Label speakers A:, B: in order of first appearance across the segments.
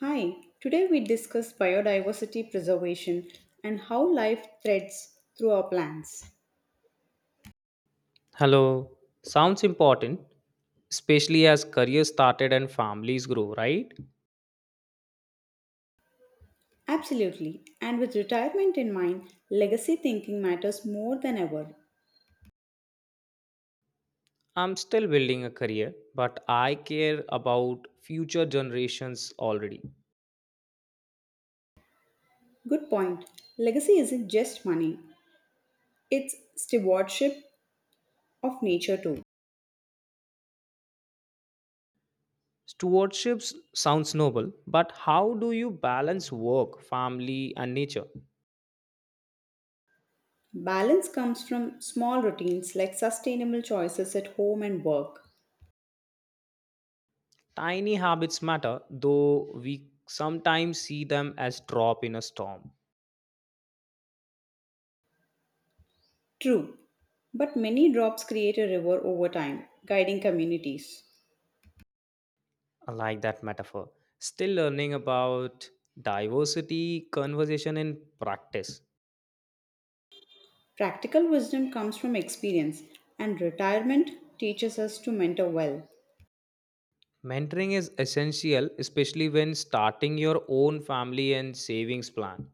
A: Hi, today we discuss biodiversity preservation and how life threads through our plants.
B: Hello. Sounds important, especially as careers started and families grow, right?
A: Absolutely, and with retirement in mind, legacy thinking matters more than ever.
B: I'm still building a career, but I care about future generations already.
A: Good point. Legacy isn't just money, it's stewardship of nature too.
B: Stewardship sounds noble, but how do you balance work, family, and nature?
A: Balance comes from small routines like sustainable choices at home and work.
B: Tiny habits matter, though we sometimes see them as drop in a storm.
A: True, but many drops create a river over time, guiding communities.
B: I like that metaphor. Still learning about diversity conversation in practice.
A: Practical wisdom comes from experience, and retirement teaches us to mentor well.
B: Mentoring is essential, especially when starting your own family and savings plan.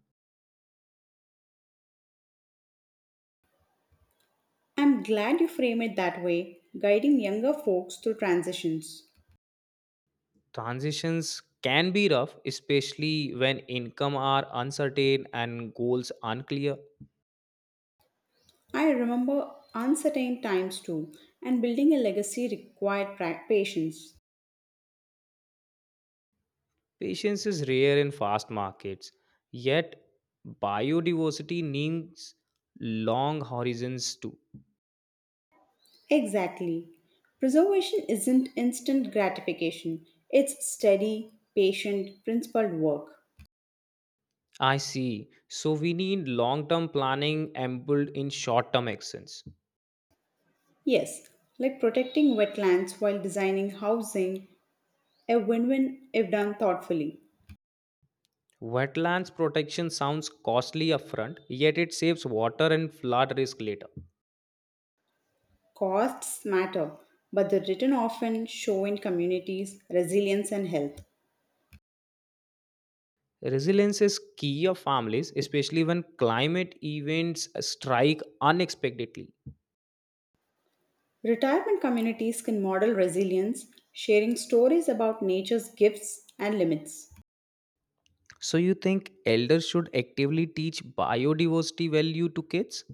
A: I'm glad you frame it that way, guiding younger folks through transitions.
B: Transitions can be rough, especially when income are uncertain and goals unclear.
A: I remember uncertain times too, and building a legacy required patience.
B: Patience is rare in fast markets, yet biodiversity needs long horizons too.
A: Exactly. Preservation isn't instant gratification, it's steady, patient, principled work.
B: I see. So we need long-term planning embedded in short-term actions.
A: Yes, like protecting wetlands while designing housing, a win win if done thoughtfully.
B: Wetlands protection sounds costly upfront, yet it saves water and flood risk later.
A: Costs matter, but the return often show in communities resilience and health.
B: Resilience is key of families, especially when climate events strike unexpectedly.
A: Retirement communities can model resilience, sharing stories about nature's gifts and limits.
B: So, you think elders should actively teach biodiversity value to kids?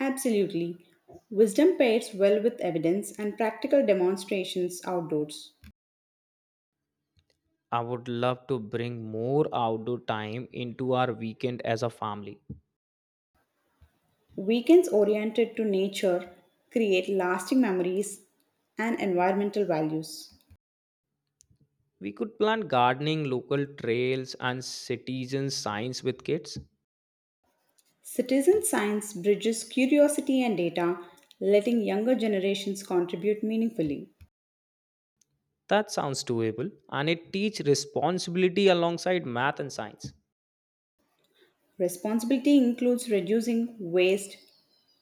A: Absolutely. Wisdom pairs well with evidence and practical demonstrations outdoors.
B: I would love to bring more outdoor time into our weekend as a family.
A: Weekends oriented to nature create lasting memories and environmental values.
B: We could plan gardening, local trails, and citizen science with kids.
A: Citizen science bridges curiosity and data, letting younger generations contribute meaningfully.
B: That sounds doable and it teach responsibility alongside math and science.
A: Responsibility includes reducing waste,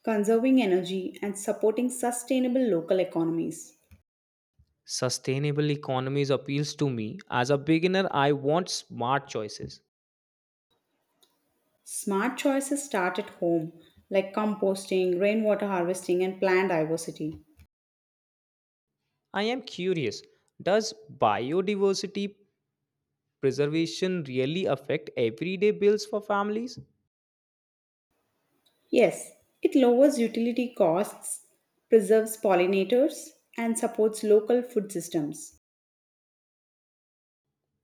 A: conserving energy, and supporting sustainable local economies.
B: Sustainable economies appeals to me. As a beginner, I want smart choices.
A: Smart choices start at home, like composting, rainwater harvesting, and plant diversity.
B: I am curious, does biodiversity preservation really affect everyday bills for families?
A: Yes, it lowers utility costs, preserves pollinators, and supports local food systems.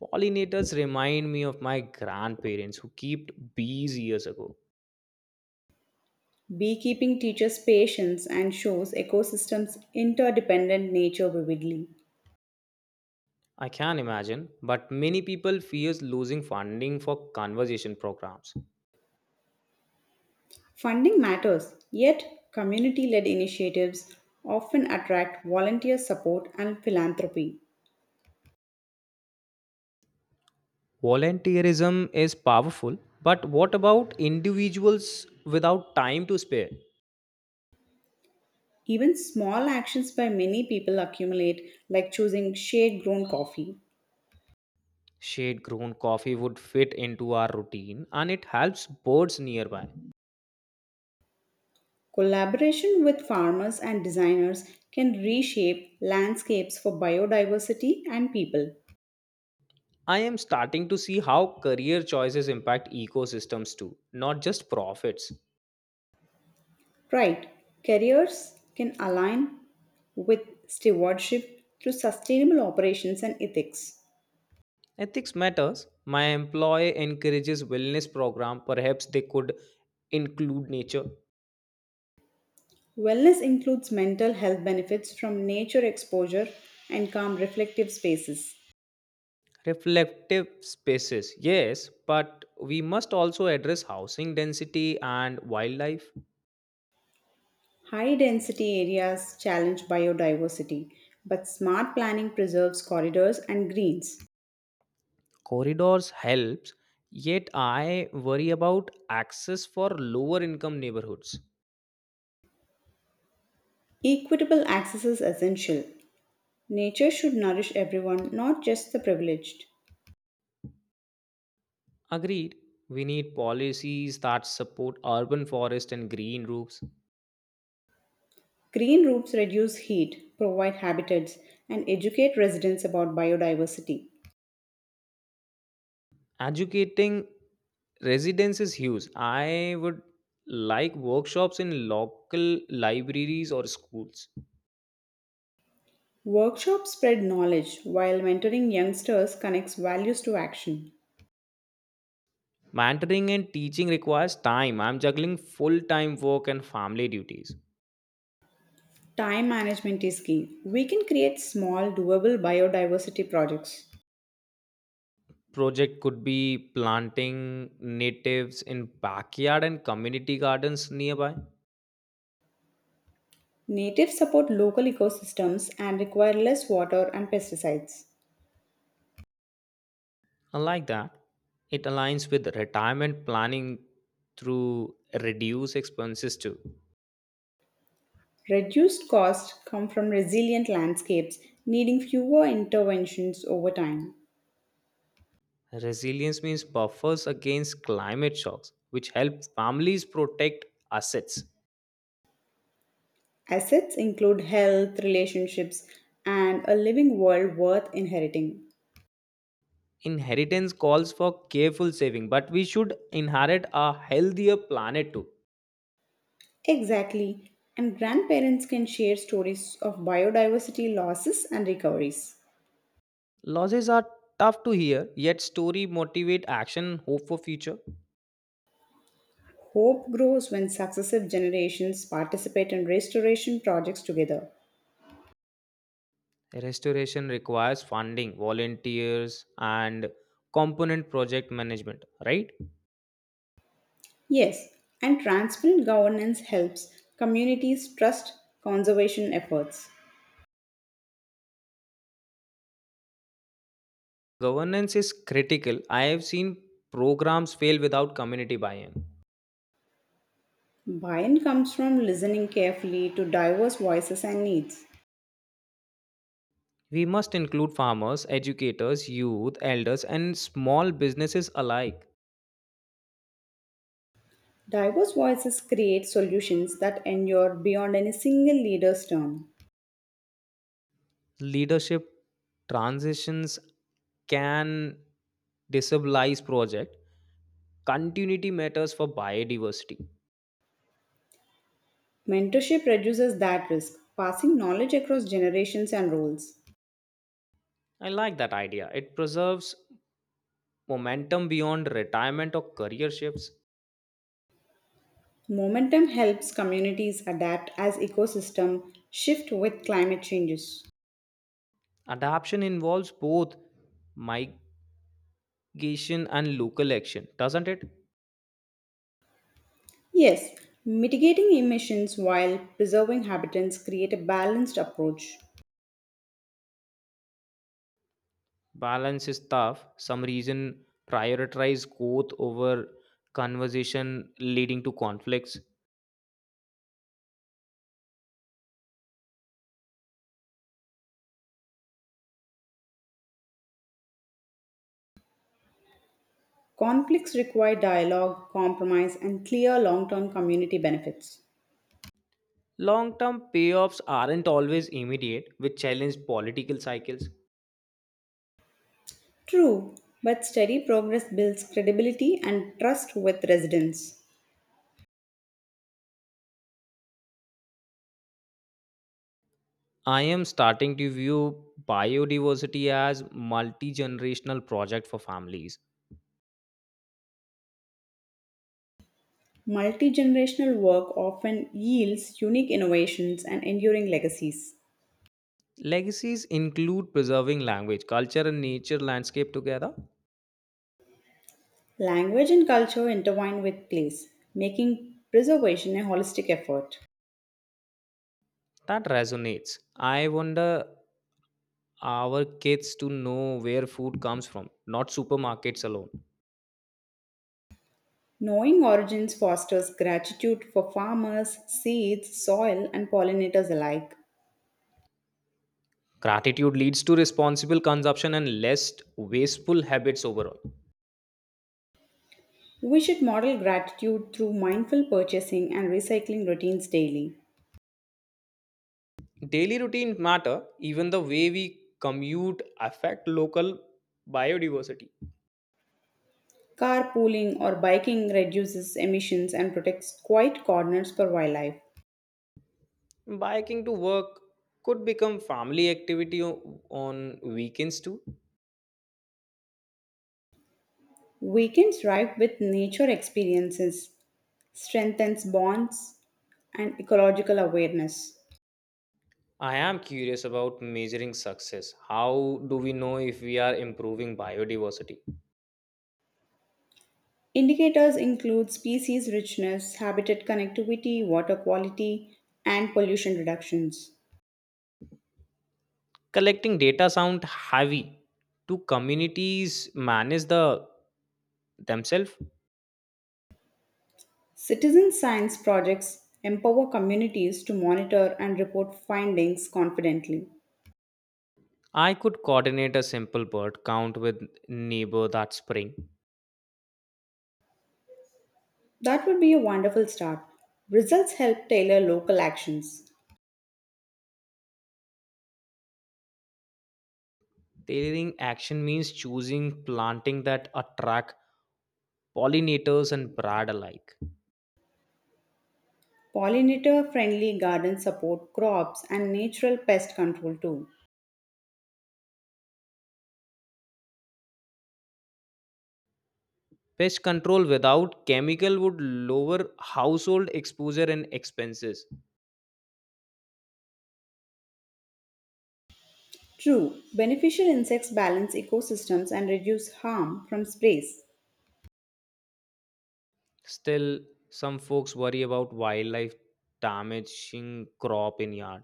B: Pollinators remind me of my grandparents who kept bees years ago.
A: Beekeeping teaches patience and shows ecosystems' interdependent nature vividly.
B: I can imagine, but many people fears losing funding for conservation programs.
A: Funding matters, yet, community led initiatives often attract volunteer support and philanthropy.
B: Volunteerism is powerful, but what about individuals without time to spare?
A: Even small actions by many people accumulate, like choosing shade grown coffee.
B: Shade grown coffee would fit into our routine and it helps birds nearby.
A: Collaboration with farmers and designers can reshape landscapes for biodiversity and people.
B: I am starting to see how career choices impact ecosystems too, not just profits.
A: Right, carriers can align with stewardship through sustainable operations and ethics.
B: Ethics matters. My employer encourages wellness program, perhaps they could include nature
A: Wellness includes mental health benefits from nature exposure and calm reflective spaces.
B: reflective spaces, yes, but we must also address housing density and wildlife
A: High density areas challenge biodiversity, but smart planning preserves corridors and greens.
B: corridors helps, yet I worry about access for lower income neighborhoods.
A: Equitable access is essential. Nature should nourish everyone, not just the privileged.
B: Agreed, we need policies that support urban forest and green roofs.
A: Green roofs reduce heat, provide habitats, and educate residents about biodiversity.
B: Educating residents is huge. I would like workshops in local libraries or schools.
A: Workshops spread knowledge, while mentoring youngsters connects values to action.
B: Mentoring and teaching requires time. I'm juggling full time work and family duties.
A: Time management is key. We can create small, doable biodiversity projects.
B: Project could be planting natives in backyard and community gardens nearby.
A: Natives support local ecosystems and require less water and pesticides.
B: I like that. It aligns with retirement planning through reduced expenses too.
A: Reduced costs come from resilient landscapes needing fewer interventions over time.
B: Resilience means buffers against climate shocks, which help families protect assets.
A: Assets include health, relationships, and a living world worth inheriting.
B: Inheritance calls for careful saving, but we should inherit a healthier planet too.
A: Exactly. And grandparents can share stories of biodiversity losses and recoveries.
B: Losses are tough to hear, yet story motivate action, hope for future.
A: Hope grows when successive generations participate in restoration projects together.
B: Restoration requires funding, volunteers, and component project management, right?
A: Yes, and transparent governance helps communities trust conservation efforts.
B: Governance is critical. I have seen programs fail without community buy in.
A: Buy in comes from listening carefully to diverse voices and needs.
B: We must include farmers, educators, youth, elders, and small businesses alike.
A: Diverse voices create solutions that endure beyond any single leader's term.
B: Leadership transitions can disabilize project. Continuity matters for biodiversity.
A: Mentorship reduces that risk, passing knowledge across generations and roles.
B: I like that idea. It preserves momentum beyond retirement or career shifts.
A: Momentum helps communities adapt as ecosystem shift with climate changes.
B: Adaption involves both migration and local action, doesn't it?
A: Yes, mitigating emissions while preserving habitats create a balanced approach.
B: Balance is tough. Some reason prioritize growth over conversation leading to conflicts.
A: Conflicts require dialogue, compromise, and clear long-term community benefits.
B: Long term payoffs aren't always immediate, which challenge political cycles.
A: True, but steady progress builds credibility and trust with residents.
B: I am starting to view biodiversity as multi generational project for families.
A: Multi generational work often yields unique innovations and enduring legacies.
B: Legacies include preserving language, culture, and nature landscape together.
A: Language and culture intertwine with place, making preservation a holistic effort.
B: That resonates. I wonder our kids to know where food comes from, not supermarkets alone.
A: Knowing origins fosters gratitude for farmers, seeds, soil, and pollinators alike.
B: Gratitude leads to responsible consumption and less wasteful habits overall.
A: We should model gratitude through mindful purchasing and recycling routines daily.
B: Daily routines matter, even the way we commute affect local biodiversity.
A: Carpooling or biking reduces emissions and protects quiet corners for wildlife.
B: Biking to work could become family activity on weekends too.
A: Weekends ripe with nature experiences strengthens bonds and ecological awareness.
B: I am curious about measuring success. How do we know if we are improving biodiversity?
A: Indicators include species richness, habitat connectivity, water quality, and pollution reductions.
B: Collecting data sound heavy. Do communities manage the themselves?
A: Citizen science projects empower communities to monitor and report findings confidently.
B: I could coordinate a simple bird count with neighbor that spring.
A: That would be a wonderful start. Results help tailor local actions.
B: Tailoring action means choosing planting that attract pollinators and brad alike.
A: Pollinator friendly gardens support crops and natural pest control too.
B: Pest control without chemical would lower household exposure and expenses.
A: True, beneficial insects balance ecosystems and reduce harm from sprays.
B: Still, some folks worry about wildlife damaging crop in yard.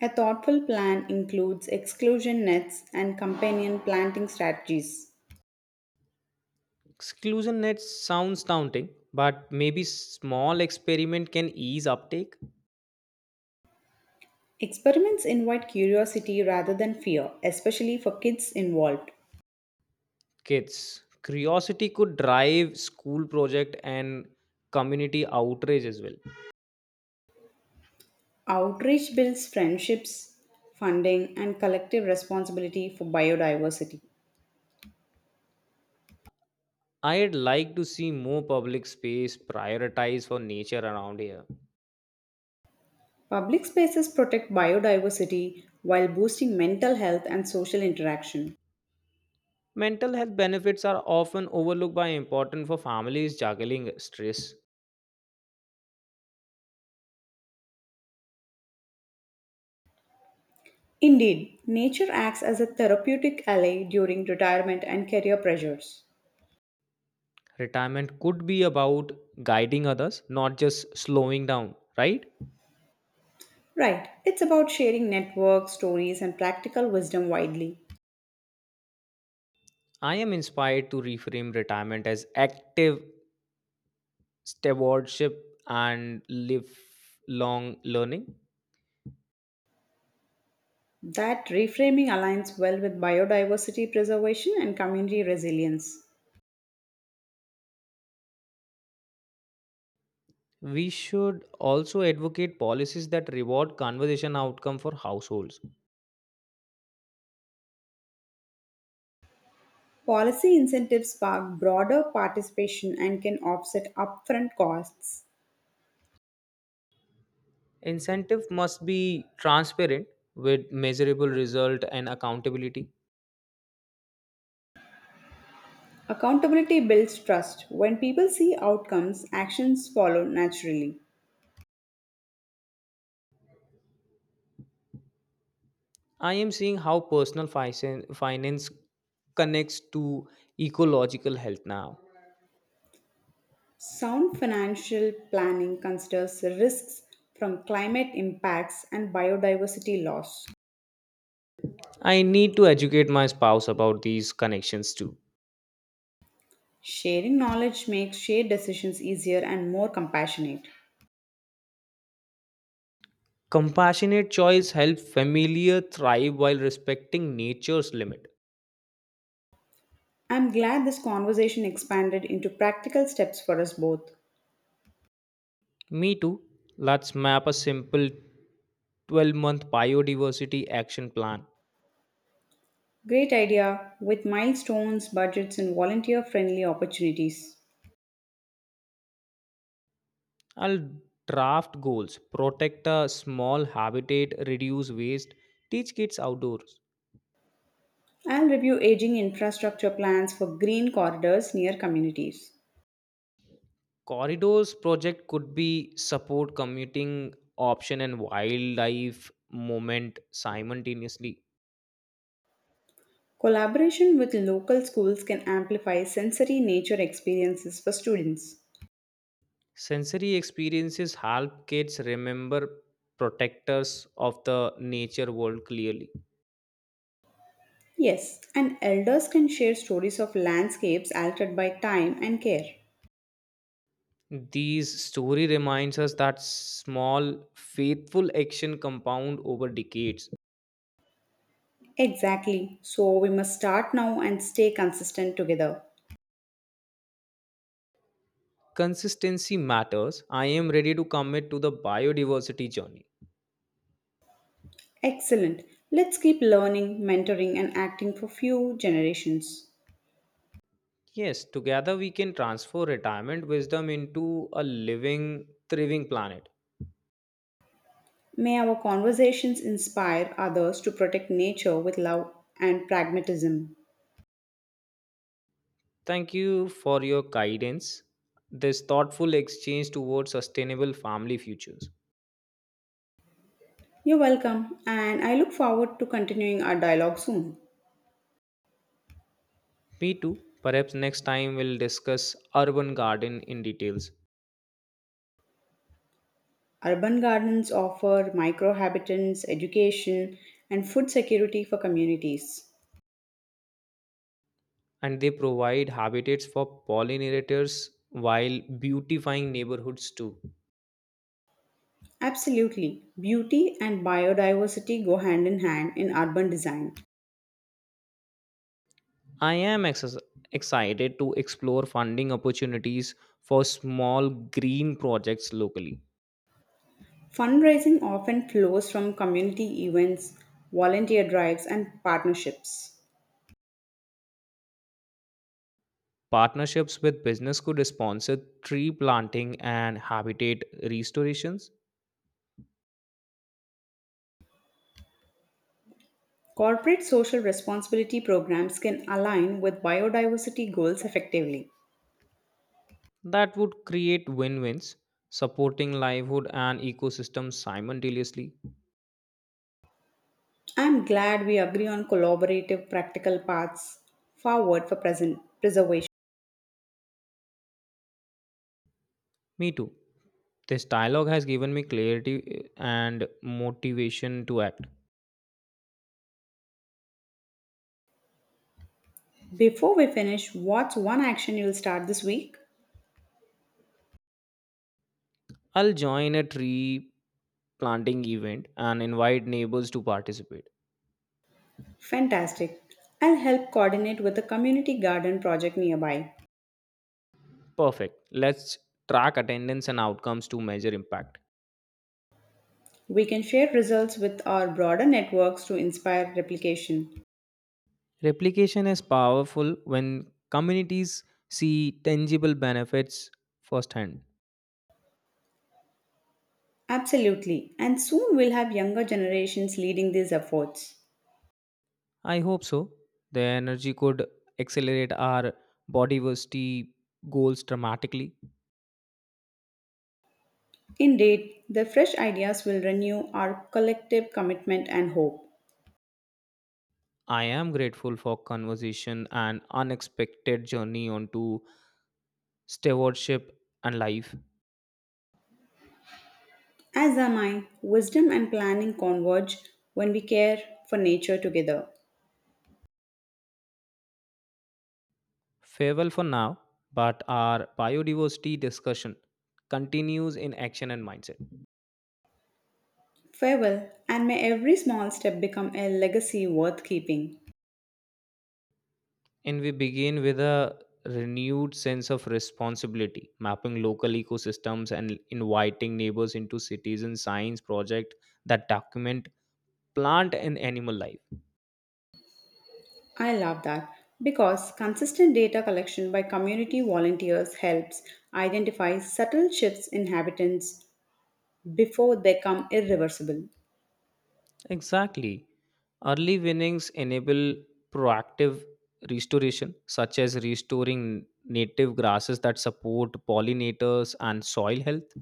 A: A thoughtful plan includes exclusion nets and companion planting strategies.
B: Exclusion nets sounds daunting, but maybe small experiment can ease uptake.
A: Experiments invite curiosity rather than fear, especially for kids involved.
B: Kids, curiosity could drive school project and community outrage as well.
A: Outreach builds friendships, funding, and collective responsibility for biodiversity.
B: I'd like to see more public space prioritized for nature around here.
A: Public spaces protect biodiversity while boosting mental health and social interaction.
B: Mental health benefits are often overlooked by important for families juggling stress.
A: Indeed, nature acts as a therapeutic ally during retirement and career pressures.
B: Retirement could be about guiding others, not just slowing down, right?
A: Right, it's about sharing networks, stories, and practical wisdom widely.
B: I am inspired to reframe retirement as active stewardship and lifelong learning.
A: That reframing aligns well with biodiversity preservation and community resilience.
B: We should also advocate policies that reward conversation outcome for households.
A: Policy incentives spark broader participation and can offset upfront costs.
B: Incentive must be transparent with measurable result and accountability.
A: Accountability builds trust. When people see outcomes, actions follow naturally.
B: I am seeing how personal finance connects to ecological health now.
A: Sound financial planning considers risks from climate impacts and biodiversity loss.
B: I need to educate my spouse about these connections too.
A: Sharing knowledge makes shared decisions easier and more compassionate.
B: Compassionate choice help familiar thrive while respecting nature's limit.
A: I'm glad this conversation expanded into practical steps for us both.
B: Me too. Let's map a simple 12-month biodiversity action plan.
A: Great idea with milestones, budgets, and volunteer friendly opportunities.
B: I'll draft goals, protect a small habitat, reduce waste, teach kids outdoors.
A: I'll review aging infrastructure plans for green corridors near communities.
B: Corridors project could be support commuting option and wildlife movement simultaneously.
A: Collaboration with local schools can amplify sensory nature experiences for students.
B: Sensory experiences help kids remember protectors of the nature world clearly.
A: Yes, and elders can share stories of landscapes altered by time and care.
B: These story reminds us that small faithful action compound over decades.
A: Exactly. So we must start now and stay consistent together.
B: Consistency matters. I am ready to commit to the biodiversity journey.
A: Excellent. Let's keep learning, mentoring, and acting for few generations.
B: Yes, together we can transfer retirement wisdom into a living, thriving planet.
A: May our conversations inspire others to protect nature with love and pragmatism.
B: Thank you for your guidance. This thoughtful exchange towards sustainable family futures.
A: You're welcome, and I look forward to continuing our dialogue soon.
B: Me too. Perhaps next time we'll discuss urban garden in details.
A: Urban gardens offer microhabitats, education, and food security for communities.
B: And they provide habitats for pollinators while beautifying neighborhoods too.
A: Absolutely, beauty and biodiversity go hand in hand in urban design.
B: I am excited to explore funding opportunities for small green projects locally.
A: Fundraising often flows from community events, volunteer drives, and partnerships.
B: Partnerships with business could sponsor tree planting and habitat restorations
A: Corporate social responsibility programs can align with biodiversity goals effectively.
B: that would create win-wins, supporting livelihood and ecosystems simultaneously.
A: I am glad we agree on collaborative, practical paths forward for present preservation.
B: Me too. This dialogue has given me clarity and motivation to act.
A: Before we finish, what's one action you'll start this week?
B: I'll join a tree planting event and invite neighbors to participate.
A: Fantastic. I'll help coordinate with a community garden project nearby.
B: Perfect. Let's track attendance and outcomes to measure impact.
A: We can share results with our broader networks to inspire replication.
B: Replication is powerful when communities see tangible benefits firsthand.
A: Absolutely. And soon we'll have younger generations leading these efforts.
B: I hope so. The energy could accelerate our body diversity goals dramatically.
A: Indeed, the fresh ideas will renew our collective commitment and hope.
B: I am grateful for conversation and unexpected journey onto stewardship and life.
A: As am I, wisdom and planning converge when we care for nature together.
B: Farewell for now, but our biodiversity discussion continues in action and mindset.
A: Farewell, and may every small step become a legacy worth keeping.
B: And we begin with a renewed sense of responsibility, mapping local ecosystems and inviting neighbors into citizen science project that document plant and animal life.
A: I love that because consistent data collection by community volunteers helps identify subtle shifts in habitants before they become irreversible.
B: Exactly. Early winnings enable proactive restoration, such as restoring native grasses that support pollinators and soil health.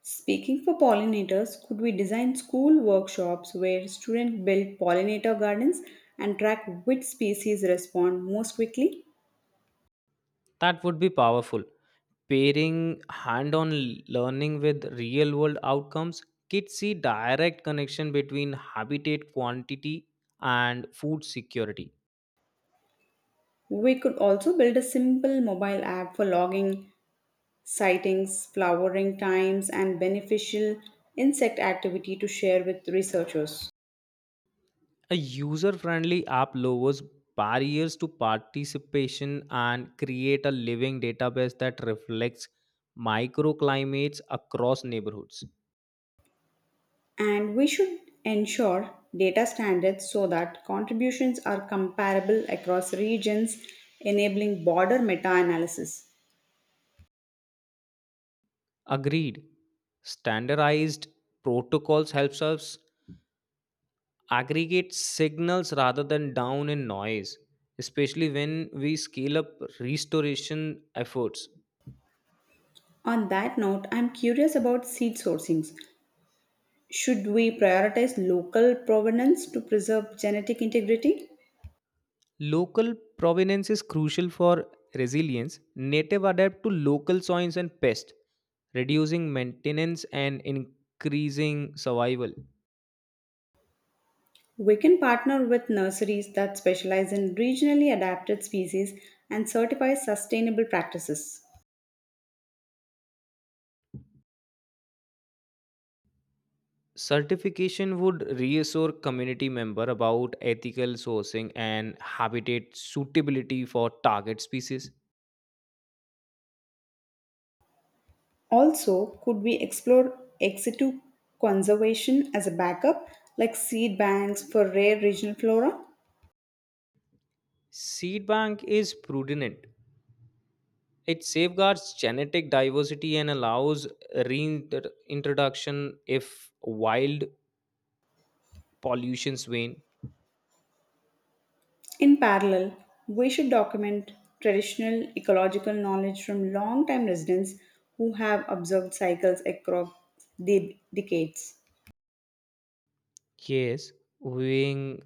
A: Speaking for pollinators, could we design school workshops where students build pollinator gardens and track which species respond most quickly?
B: That would be powerful. Pairing hand on learning with real world outcomes, kids see direct connection between habitat quantity and food security.
A: We could also build a simple mobile app for logging sightings, flowering times, and beneficial insect activity to share with researchers.
B: A user friendly app lowers barriers to participation and create a living database that reflects microclimates across neighborhoods.
A: And we should ensure data standards so that contributions are comparable across regions, enabling broader meta analysis.
B: Agreed. Standardized protocols helps us aggregate signals rather than down in noise, especially when we scale up restoration efforts.
A: On that note, I'm curious about seed sourcings. Should we prioritize local provenance to preserve genetic integrity?
B: Local provenance is crucial for resilience. Native adapt to local soils and pests, reducing maintenance and increasing survival.
A: We can partner with nurseries that specialize in regionally adapted species and certify sustainable practices.
B: Certification would reassure community member about ethical sourcing and habitat suitability for target species.
A: Also, could we explore ex situ conservation as a backup, like seed banks for rare regional flora?
B: Seed bank is prudent. It safeguards genetic diversity and allows reintroduction if wild pollutions wane.
A: In parallel, we should document traditional ecological knowledge from long-time residents who have observed cycles across decades.
B: Yes, weighing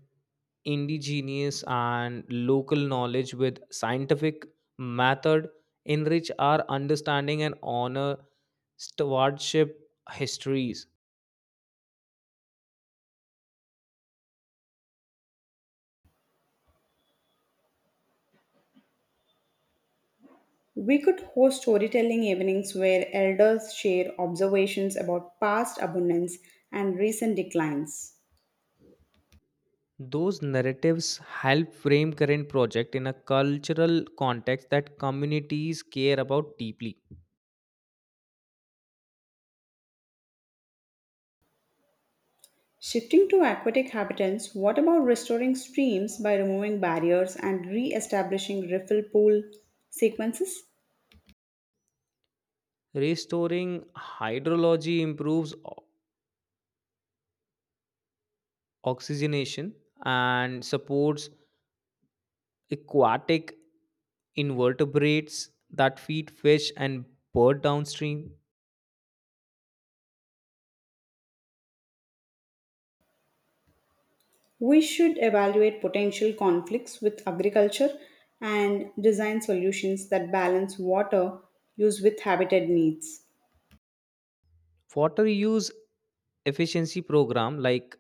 B: indigenous and local knowledge with scientific method enrich our understanding and honor stewardship histories.
A: We could host storytelling evenings where elders share observations about past abundance and recent declines.
B: Those narratives help frame current project in a cultural context that communities care about deeply.
A: Shifting to aquatic habitats, what about restoring streams by removing barriers and re establishing refill pool sequences?
B: Restoring hydrology improves oxygenation and supports aquatic invertebrates that feed fish and bird downstream.
A: We should evaluate potential conflicts with agriculture and design solutions that balance water use with habitat needs.
B: Water use efficiency program like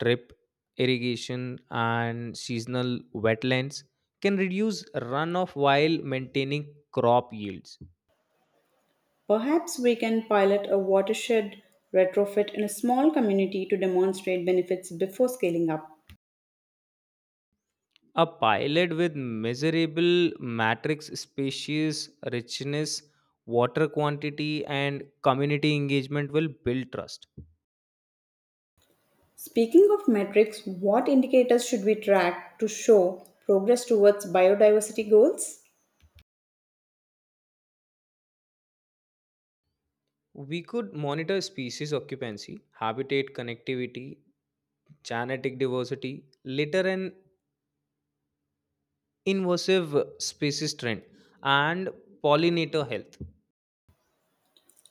B: drip irrigation and seasonal wetlands can reduce runoff while maintaining crop yields.
A: Perhaps we can pilot a watershed retrofit in a small community to demonstrate benefits before scaling up.
B: A pilot with measurable matrix species richness, water quantity, and community engagement will build trust.
A: Speaking of metrics, what indicators should we track to show progress towards biodiversity goals?
B: We could monitor species occupancy, habitat connectivity, genetic diversity, later an invasive species trend, and pollinator health.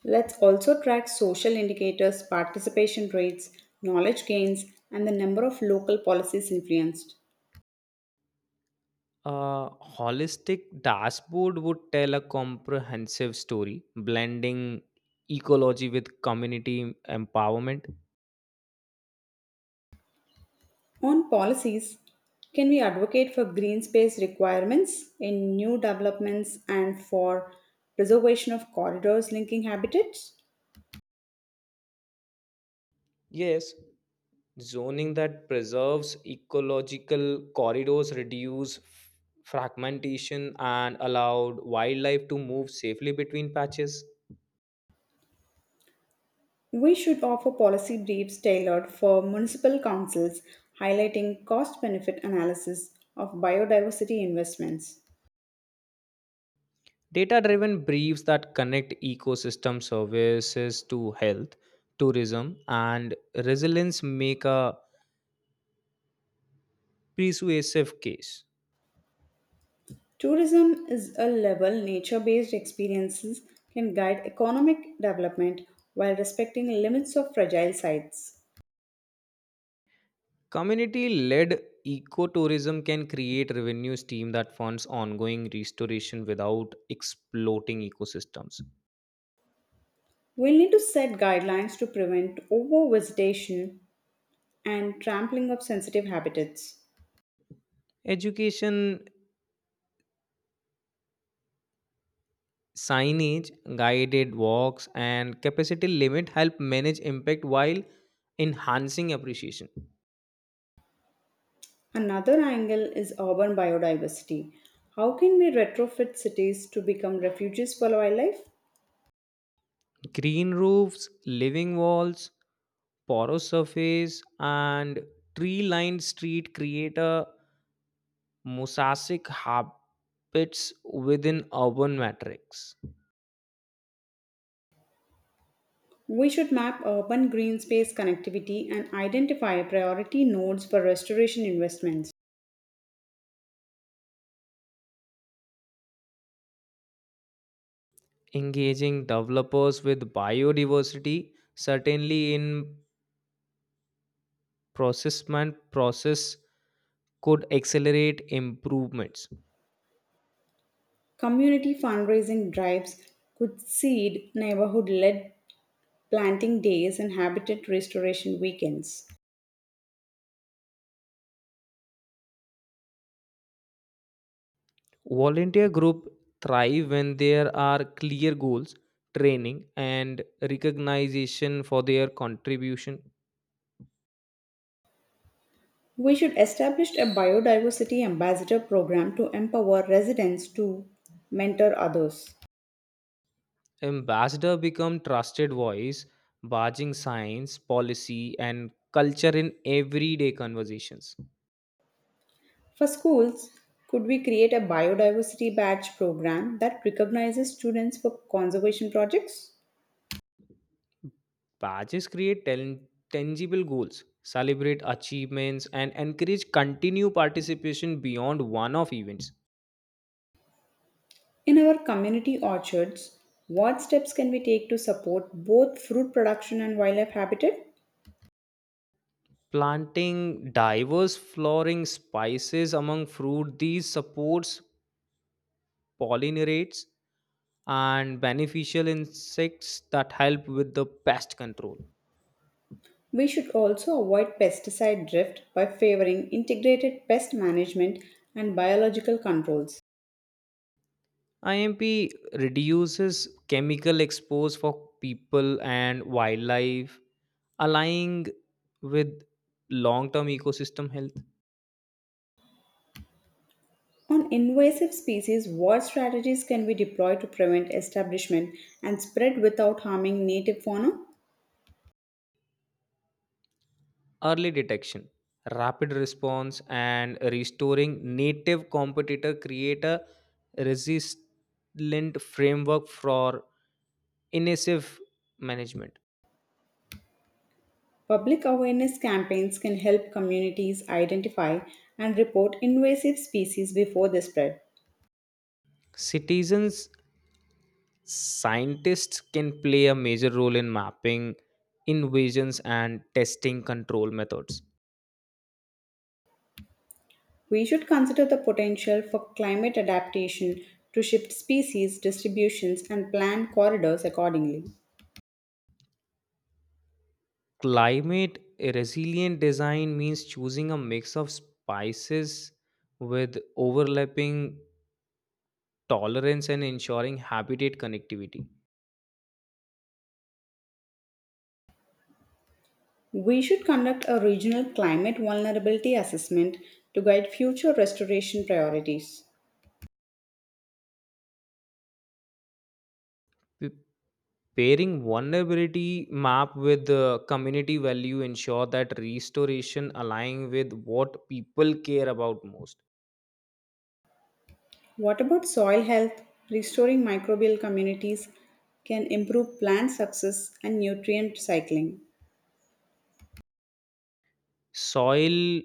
A: Let's also track social indicators, participation rates, knowledge gains, and the number of local policies influenced.
B: A holistic dashboard would tell a comprehensive story, blending ecology with community empowerment.
A: On policies, can we advocate for green space requirements in new developments and for preservation of corridors linking habitats?
B: Yes, zoning that preserves ecological corridors, reduce fragmentation, and allowed wildlife to move safely between patches.
A: We should offer policy briefs tailored for municipal councils, highlighting cost benefit analysis of biodiversity investments.
B: Data driven briefs that connect ecosystem services to health, tourism, and resilience make a persuasive case.
A: Tourism is a level nature based experiences can guide economic development while respecting limits of fragile sites.
B: Community led ecotourism can create revenue stream that funds ongoing restoration without exploiting ecosystems.
A: We'll need to set guidelines to prevent over visitation and trampling of sensitive habitats.
B: Education signage, guided walks, and capacity limit help manage impact while enhancing appreciation.
A: Another angle is urban biodiversity. How can we retrofit cities to become refuges for wildlife?
B: Green roofs, living walls, porous surface and tree lined street create a mosaic habits within urban matrix.
A: We should map urban green space connectivity and identify priority nodes for restoration investments.
B: Engaging developers with biodiversity certainly in processment process could accelerate improvements.
A: Community fundraising drives could seed neighborhood led planting days and habitat restoration weekends.
B: Volunteer group thrive when there are clear goals, training, and recognition for their contribution.
A: We should establish a biodiversity ambassador program to empower residents to mentor others.
B: Ambassador become trusted voice, badging science, policy, and culture in everyday conversations.
A: For schools, could we create a biodiversity badge program that recognizes students for conservation projects?
B: Badges create tangible goals, celebrate achievements, and encourage continued participation beyond one-off events.
A: In our community orchards, what steps can we take to support both fruit production and wildlife habitat?
B: Planting diverse flowering spices among fruit, these supports pollinates and beneficial insects that help with the pest control.
A: We should also avoid pesticide drift by favoring integrated pest management and biological controls.
B: IMP reduces chemical expose for people and wildlife, aligning with long-term ecosystem health.
A: On invasive species, what strategies can we deploy to prevent establishment and spread without harming native fauna?
B: Early detection, rapid response, and restoring native competitor create a resilient framework for invasive management.
A: Public awareness campaigns can help communities identify and report invasive species before they spread.
B: Citizens, scientists can play a major role in mapping invasions and testing control methods.
A: We should consider the potential for climate adaptation to shift species distributions and plan corridors accordingly.
B: Climate resilient design means choosing a mix of spices with overlapping tolerance and ensuring habitat connectivity.
A: We should conduct a regional climate vulnerability assessment to guide future restoration priorities.
B: P- Pairing vulnerability map with the community value ensure that restoration align with what people care about most.
A: What about soil health? Restoring microbial communities can improve plant success and nutrient cycling.
B: Soil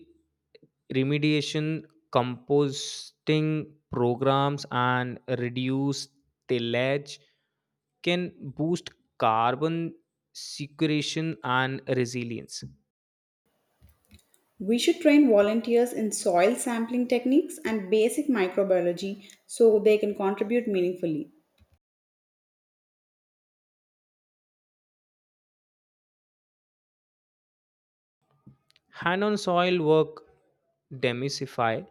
B: remediation, composting programs, and reduce tillage can boost carbon sequestration and resilience.
A: We should train volunteers in soil sampling techniques and basic microbiology so they can contribute meaningfully.
B: Hand on soil work demystify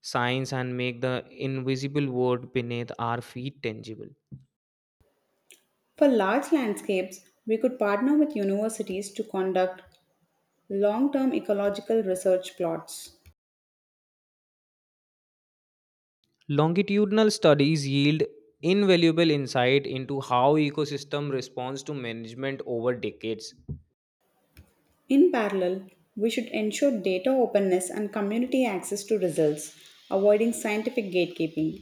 B: science and make the invisible world beneath our feet tangible.
A: For large landscapes, we could partner with universities to conduct long term ecological research plots.
B: Longitudinal studies yield invaluable insight into how ecosystem responds to management over decades.
A: In parallel, we should ensure data openness and community access to results, avoiding scientific gatekeeping.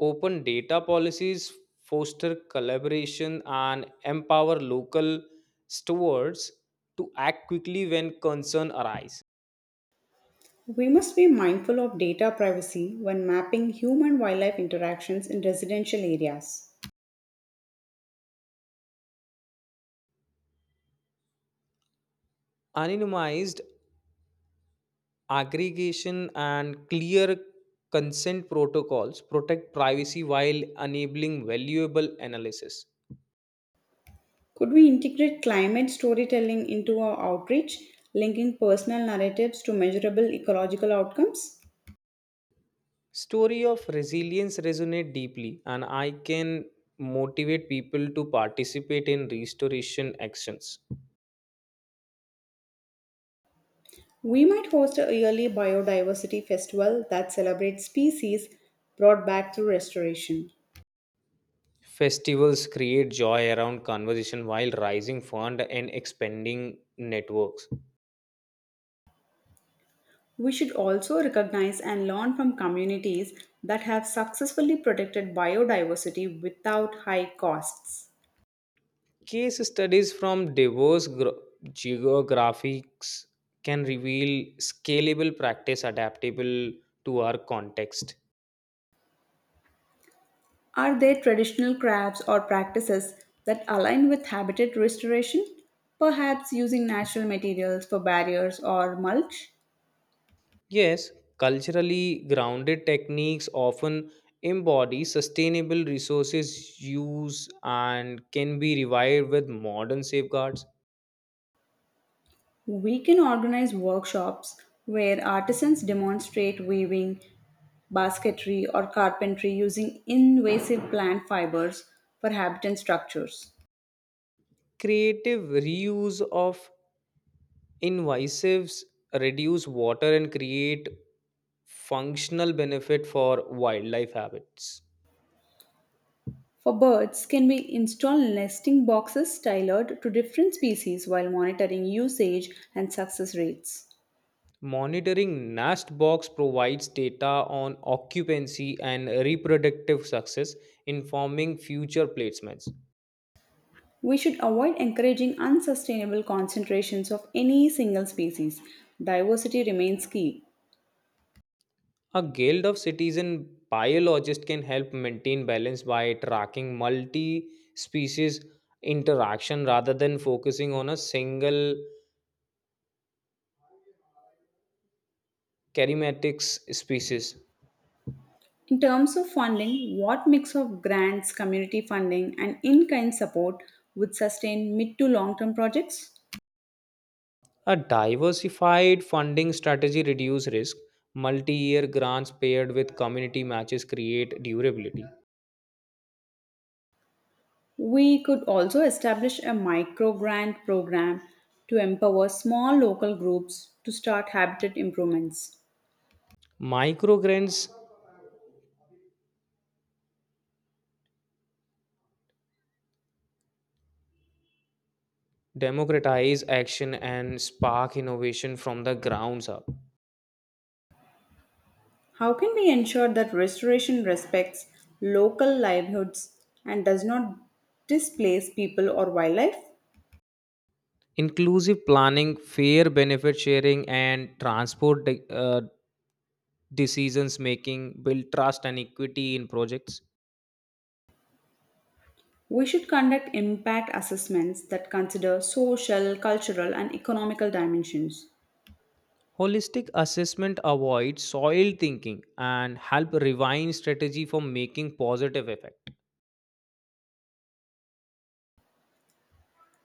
B: Open data policies foster collaboration and empower local stewards to act quickly when concern arise.
A: We must be mindful of data privacy when mapping human wildlife interactions in residential areas.
B: Anonymized aggregation and clear consent protocols protect privacy while enabling valuable analysis.
A: Could we integrate climate storytelling into our outreach, linking personal narratives to measurable ecological outcomes?
B: Story of resilience resonate deeply and I can motivate people to participate in restoration actions.
A: We might host a yearly biodiversity festival that celebrates species brought back through restoration.
B: Festivals create joy around conversation while raising fund and expanding networks.
A: We should also recognize and learn from communities that have successfully protected biodiversity without high costs.
B: Case studies from diverse geographies can reveal scalable practice adaptable to our context.
A: Are there traditional crafts or practices that align with habitat restoration? Perhaps using natural materials for barriers or mulch?
B: Yes, culturally grounded techniques often embody sustainable resources use and can be revived with modern safeguards.
A: We can organize workshops where artisans demonstrate weaving, basketry, or carpentry using invasive plant fibers for habitat structures.
B: Creative reuse of invasives reduce water and create functional benefit for wildlife habits.
A: For birds, can we install nesting boxes tailored to different species while monitoring usage and success rates?
B: Monitoring nest box provides data on occupancy and reproductive success, informing future placements.
A: We should avoid encouraging unsustainable concentrations of any single species. Diversity remains key.
B: A Guild of Citizen Biologists can help maintain balance by tracking multi species interaction rather than focusing on a single charismatic species.
A: In terms of funding, what mix of grants, community funding, and in kind support would sustain mid to long term projects?
B: A diversified funding strategy reduces risk. Multi year grants paired with community matches create durability.
A: We could also establish a micro grant program to empower small local groups to start habitat improvements.
B: Microgrants democratize action and spark innovation from the grounds up.
A: How can we ensure that restoration respects local livelihoods and does not displace people or wildlife?
B: Inclusive planning, fair benefit sharing, and decisions making build trust and equity in projects.
A: We should conduct impact assessments that consider social, cultural, and economical dimensions.
B: Holistic assessment avoids soil thinking and help refine strategy for making positive effect.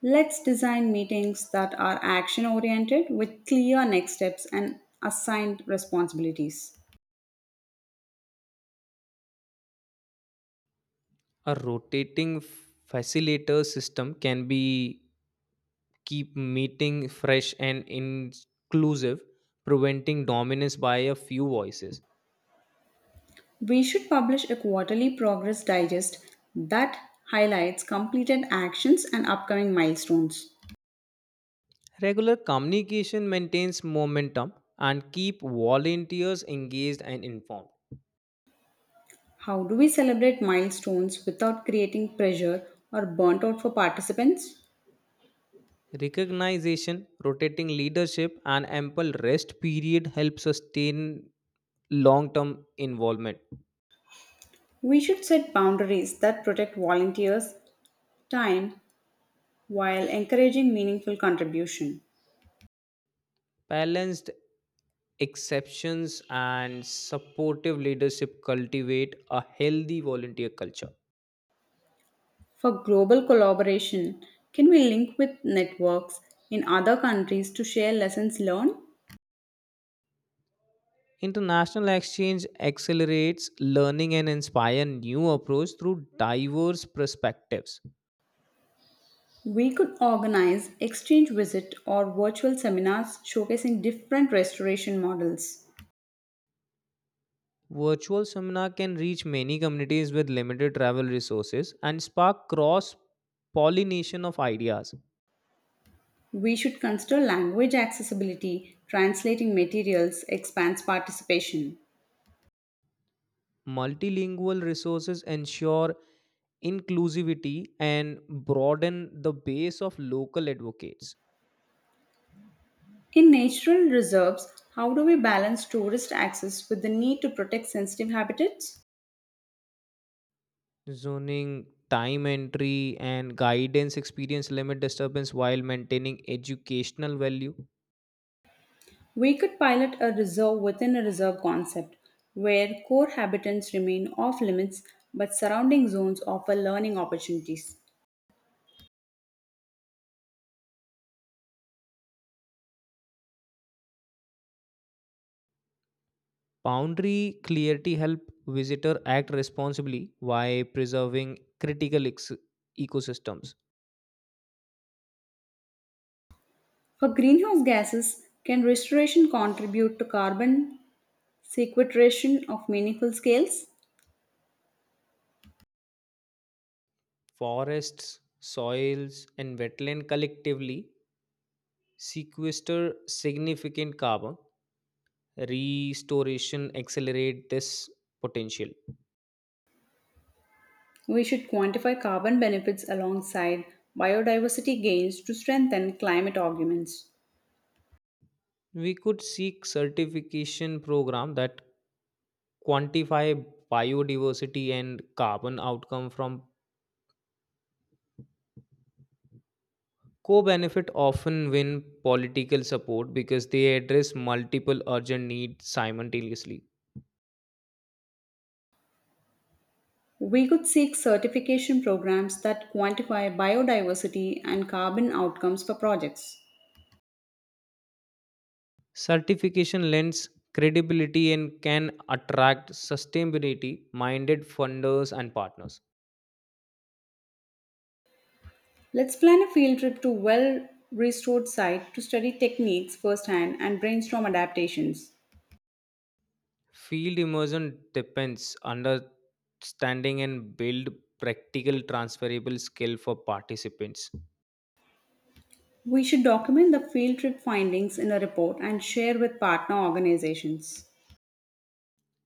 A: Let's design meetings that are action oriented with clear next steps and assigned responsibilities.
B: A rotating facilitator system can be keep meeting fresh and inclusive, preventing dominance by a few voices.
A: We should publish a quarterly progress digest that highlights completed actions and upcoming milestones.
B: Regular communication maintains momentum and keep volunteers engaged and informed.
A: How do we celebrate milestones without creating pressure or burnt out for participants?
B: Recognition, rotating leadership and ample rest period help sustain long-term involvement.
A: We should set boundaries that protect volunteers' time while encouraging meaningful contribution.
B: Balanced exceptions and supportive leadership cultivate a healthy volunteer culture.
A: For global collaboration, can we link with networks in other countries to share lessons learned?
B: International exchange accelerates learning and inspire new approach through diverse perspectives.
A: We could organize exchange visit or virtual seminars showcasing different restoration models.
B: Virtual seminar can reach many communities with limited travel resources and spark cross pollination of ideas.
A: We should consider language accessibility, translating materials expands participation.
B: Multilingual resources ensure inclusivity and broaden the base of local advocates.
A: In natural reserves, how do we balance tourist access with the need to protect sensitive habitats?
B: Zoning, time entry, and guidance experience limit disturbance while maintaining educational value.
A: We could pilot a reserve within a reserve concept where core habitats remain off limits but surrounding zones offer learning opportunities.
B: Boundary clarity help visitor act responsibly while preserving ecosystems.
A: For greenhouse gases, can restoration contribute to carbon sequestration of meaningful scales?
B: Forests, soils, and wetland collectively sequester significant carbon. Restoration accelerate this potential.
A: We should quantify carbon benefits alongside biodiversity gains to strengthen climate arguments.
B: We could seek certification program that quantify biodiversity and carbon outcome from co-benefit often win political support because they address multiple urgent needs simultaneously.
A: We could seek certification programs that quantify biodiversity and carbon outcomes for projects.
B: Certification lends credibility and can attract sustainability minded funders and partners.
A: Let's plan a field trip to well restored site to study techniques firsthand and brainstorm adaptations.
B: Field immersion depends understanding and build practical transferable skill for participants.
A: We should document the field trip findings in a report and share with partner organizations.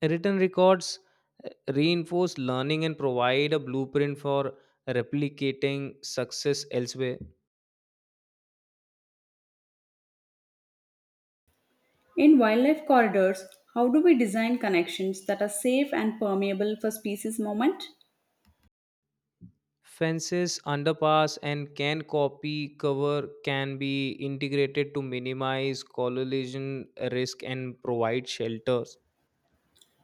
B: Written records reinforce learning and provide a blueprint for replicating success elsewhere.
A: In wildlife corridors, how do we design connections that are safe and permeable for species movement?
B: Fences, underpass, and can copy cover can be integrated to minimize collision risk and provide shelters.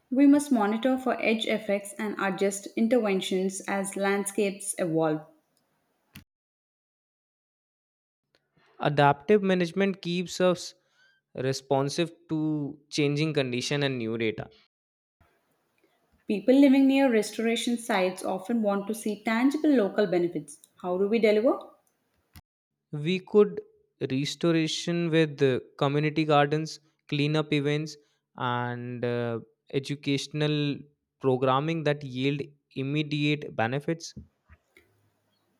A: We must monitor for edge effects and adjust interventions as landscapes evolve.
B: Adaptive management keeps us responsive to changing condition and new data.
A: People living near restoration sites often want to see tangible local benefits. How do we deliver?
B: We could restoration with community gardens, cleanup events, and educational programming that yield immediate benefits.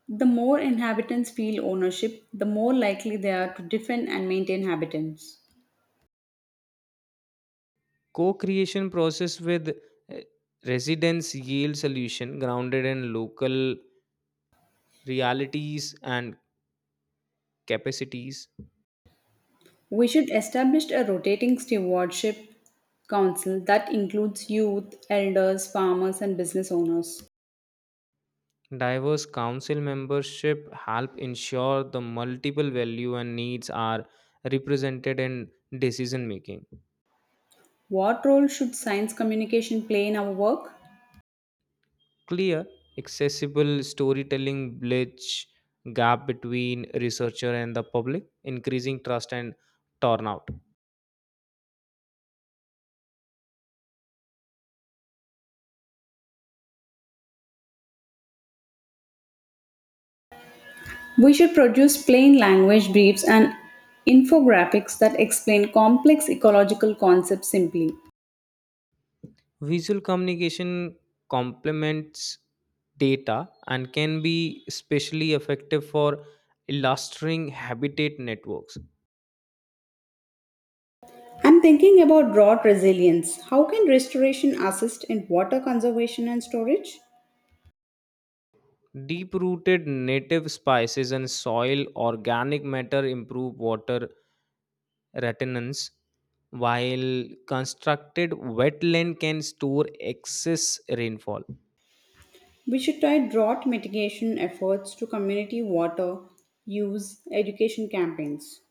A: The more inhabitants feel ownership, the more likely they are to defend and maintain habitats.
B: Co-creation process with uh, residents yield solution grounded in local realities and capacities.
A: We should establish a rotating stewardship council that includes youth, elders, farmers, and business owners.
B: Diverse council membership help ensure the multiple value and needs are represented in decision making.
A: What role should science communication play in our work?
B: Clear accessible storytelling bridge gap between researcher and the public increasing trust and turnout.
A: We should produce plain language briefs and infographics that explain complex ecological concepts simply.
B: Visual communication complements data and can be especially effective for illustering habitat networks.
A: I'm thinking about drought resilience. How can restoration assist in water conservation and storage?
B: Deep rooted native spices and soil organic matter improve water retention, while constructed wetland can store excess rainfall.
A: We should tie drought mitigation efforts to community water use education campaigns.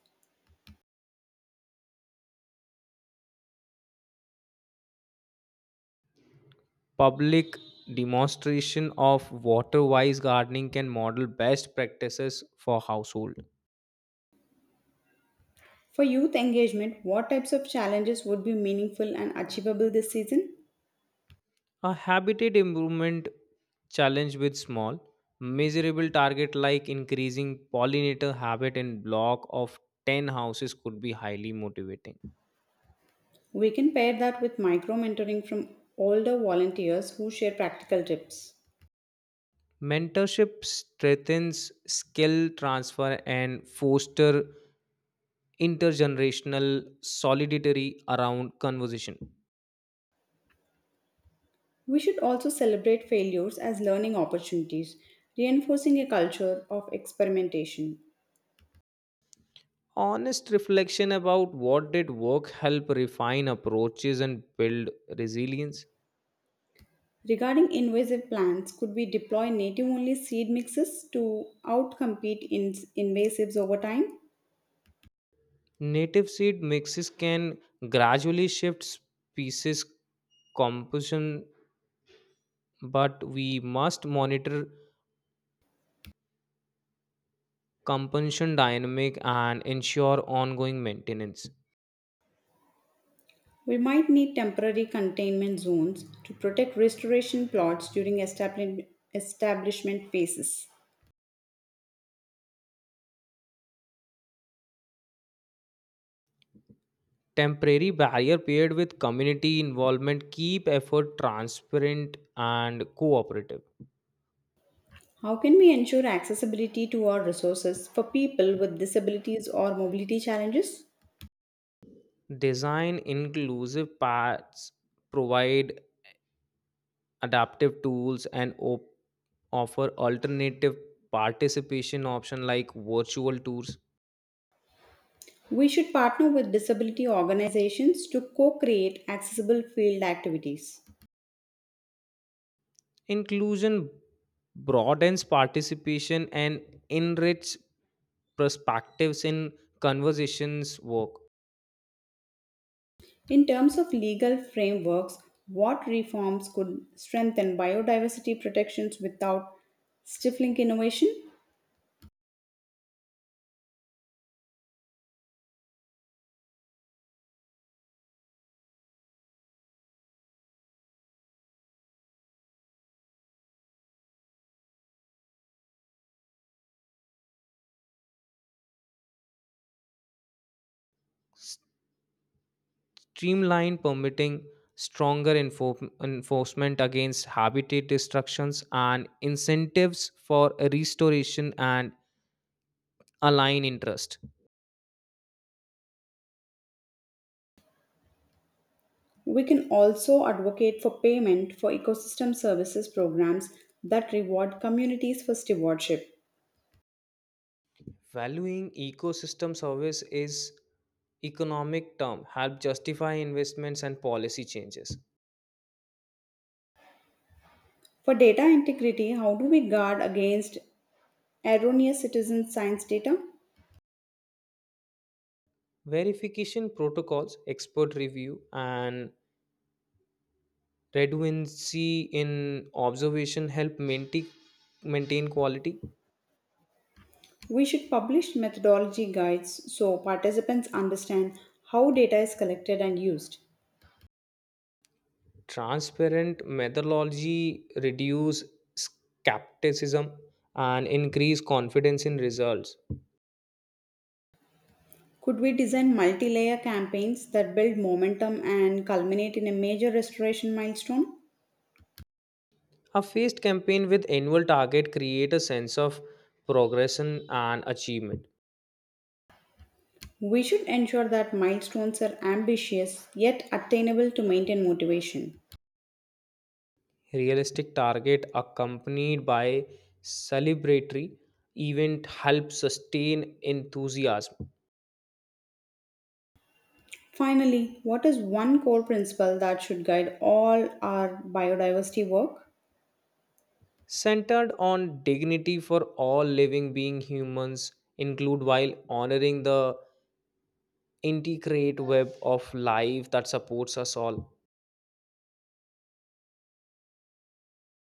B: Public demonstration of water wise gardening can model best practices for household.
A: For youth engagement, what types of challenges would be meaningful and achievable this season?
B: A habitat improvement challenge with small, measurable target like increasing pollinator habit in block of 10 houses could be highly motivating.
A: We can pair that with micro mentoring from older volunteers who share practical tips.
B: Mentorship strengthens skill transfer and foster intergenerational solidarity around conversation.
A: We should also celebrate failures as learning opportunities, reinforcing a culture of experimentation.
B: Honest reflection about what did work help refine approaches and build resilience.
A: Regarding invasive plants, could we deploy native only seed mixes to outcompete invasives over time?
B: Native seed mixes can gradually shift species composition, but we must monitor composition dynamic and ensure ongoing maintenance.
A: We might need temporary containment zones to protect restoration plots during establishment phases.
B: Temporary barrier paired with community involvement keep effort transparent and cooperative.
A: How can we ensure accessibility to our resources for people with disabilities or mobility challenges?
B: Design inclusive paths, provide adaptive tools, and offer alternative participation option like virtual tours.
A: We should partner with disability organizations to co create accessible field activities.
B: Inclusion broadens participation and enriches perspectives in conversations work.
A: In terms of legal frameworks, what reforms could strengthen biodiversity protections without stifling innovation?
B: Streamlined permitting stronger enforcement against habitat destructions and incentives for restoration and align interest.
A: We can also advocate for payment for ecosystem services programs that reward communities for stewardship.
B: Valuing ecosystem service is economic term help justify investments and policy changes.
A: For data integrity, how do we guard against erroneous citizen science data?
B: Verification protocols expert review and redundancy in observation help maintain quality.
A: We should publish methodology guides so participants understand how data is collected and used.
B: Transparent methodology reduce skepticism and increase confidence in results.
A: Could we design multi layer campaigns that build momentum and culminate in a major restoration milestone?
B: A phased campaign with annual target create a sense of progression and achievement.
A: We should ensure that milestones are ambitious yet attainable to maintain motivation.
B: Realistic target accompanied by celebratory event help sustain enthusiasm.
A: Finally, what is one core principle that should guide all our biodiversity work?
B: Centered on dignity for all living being humans include while honoring the integrate web of life that supports us all.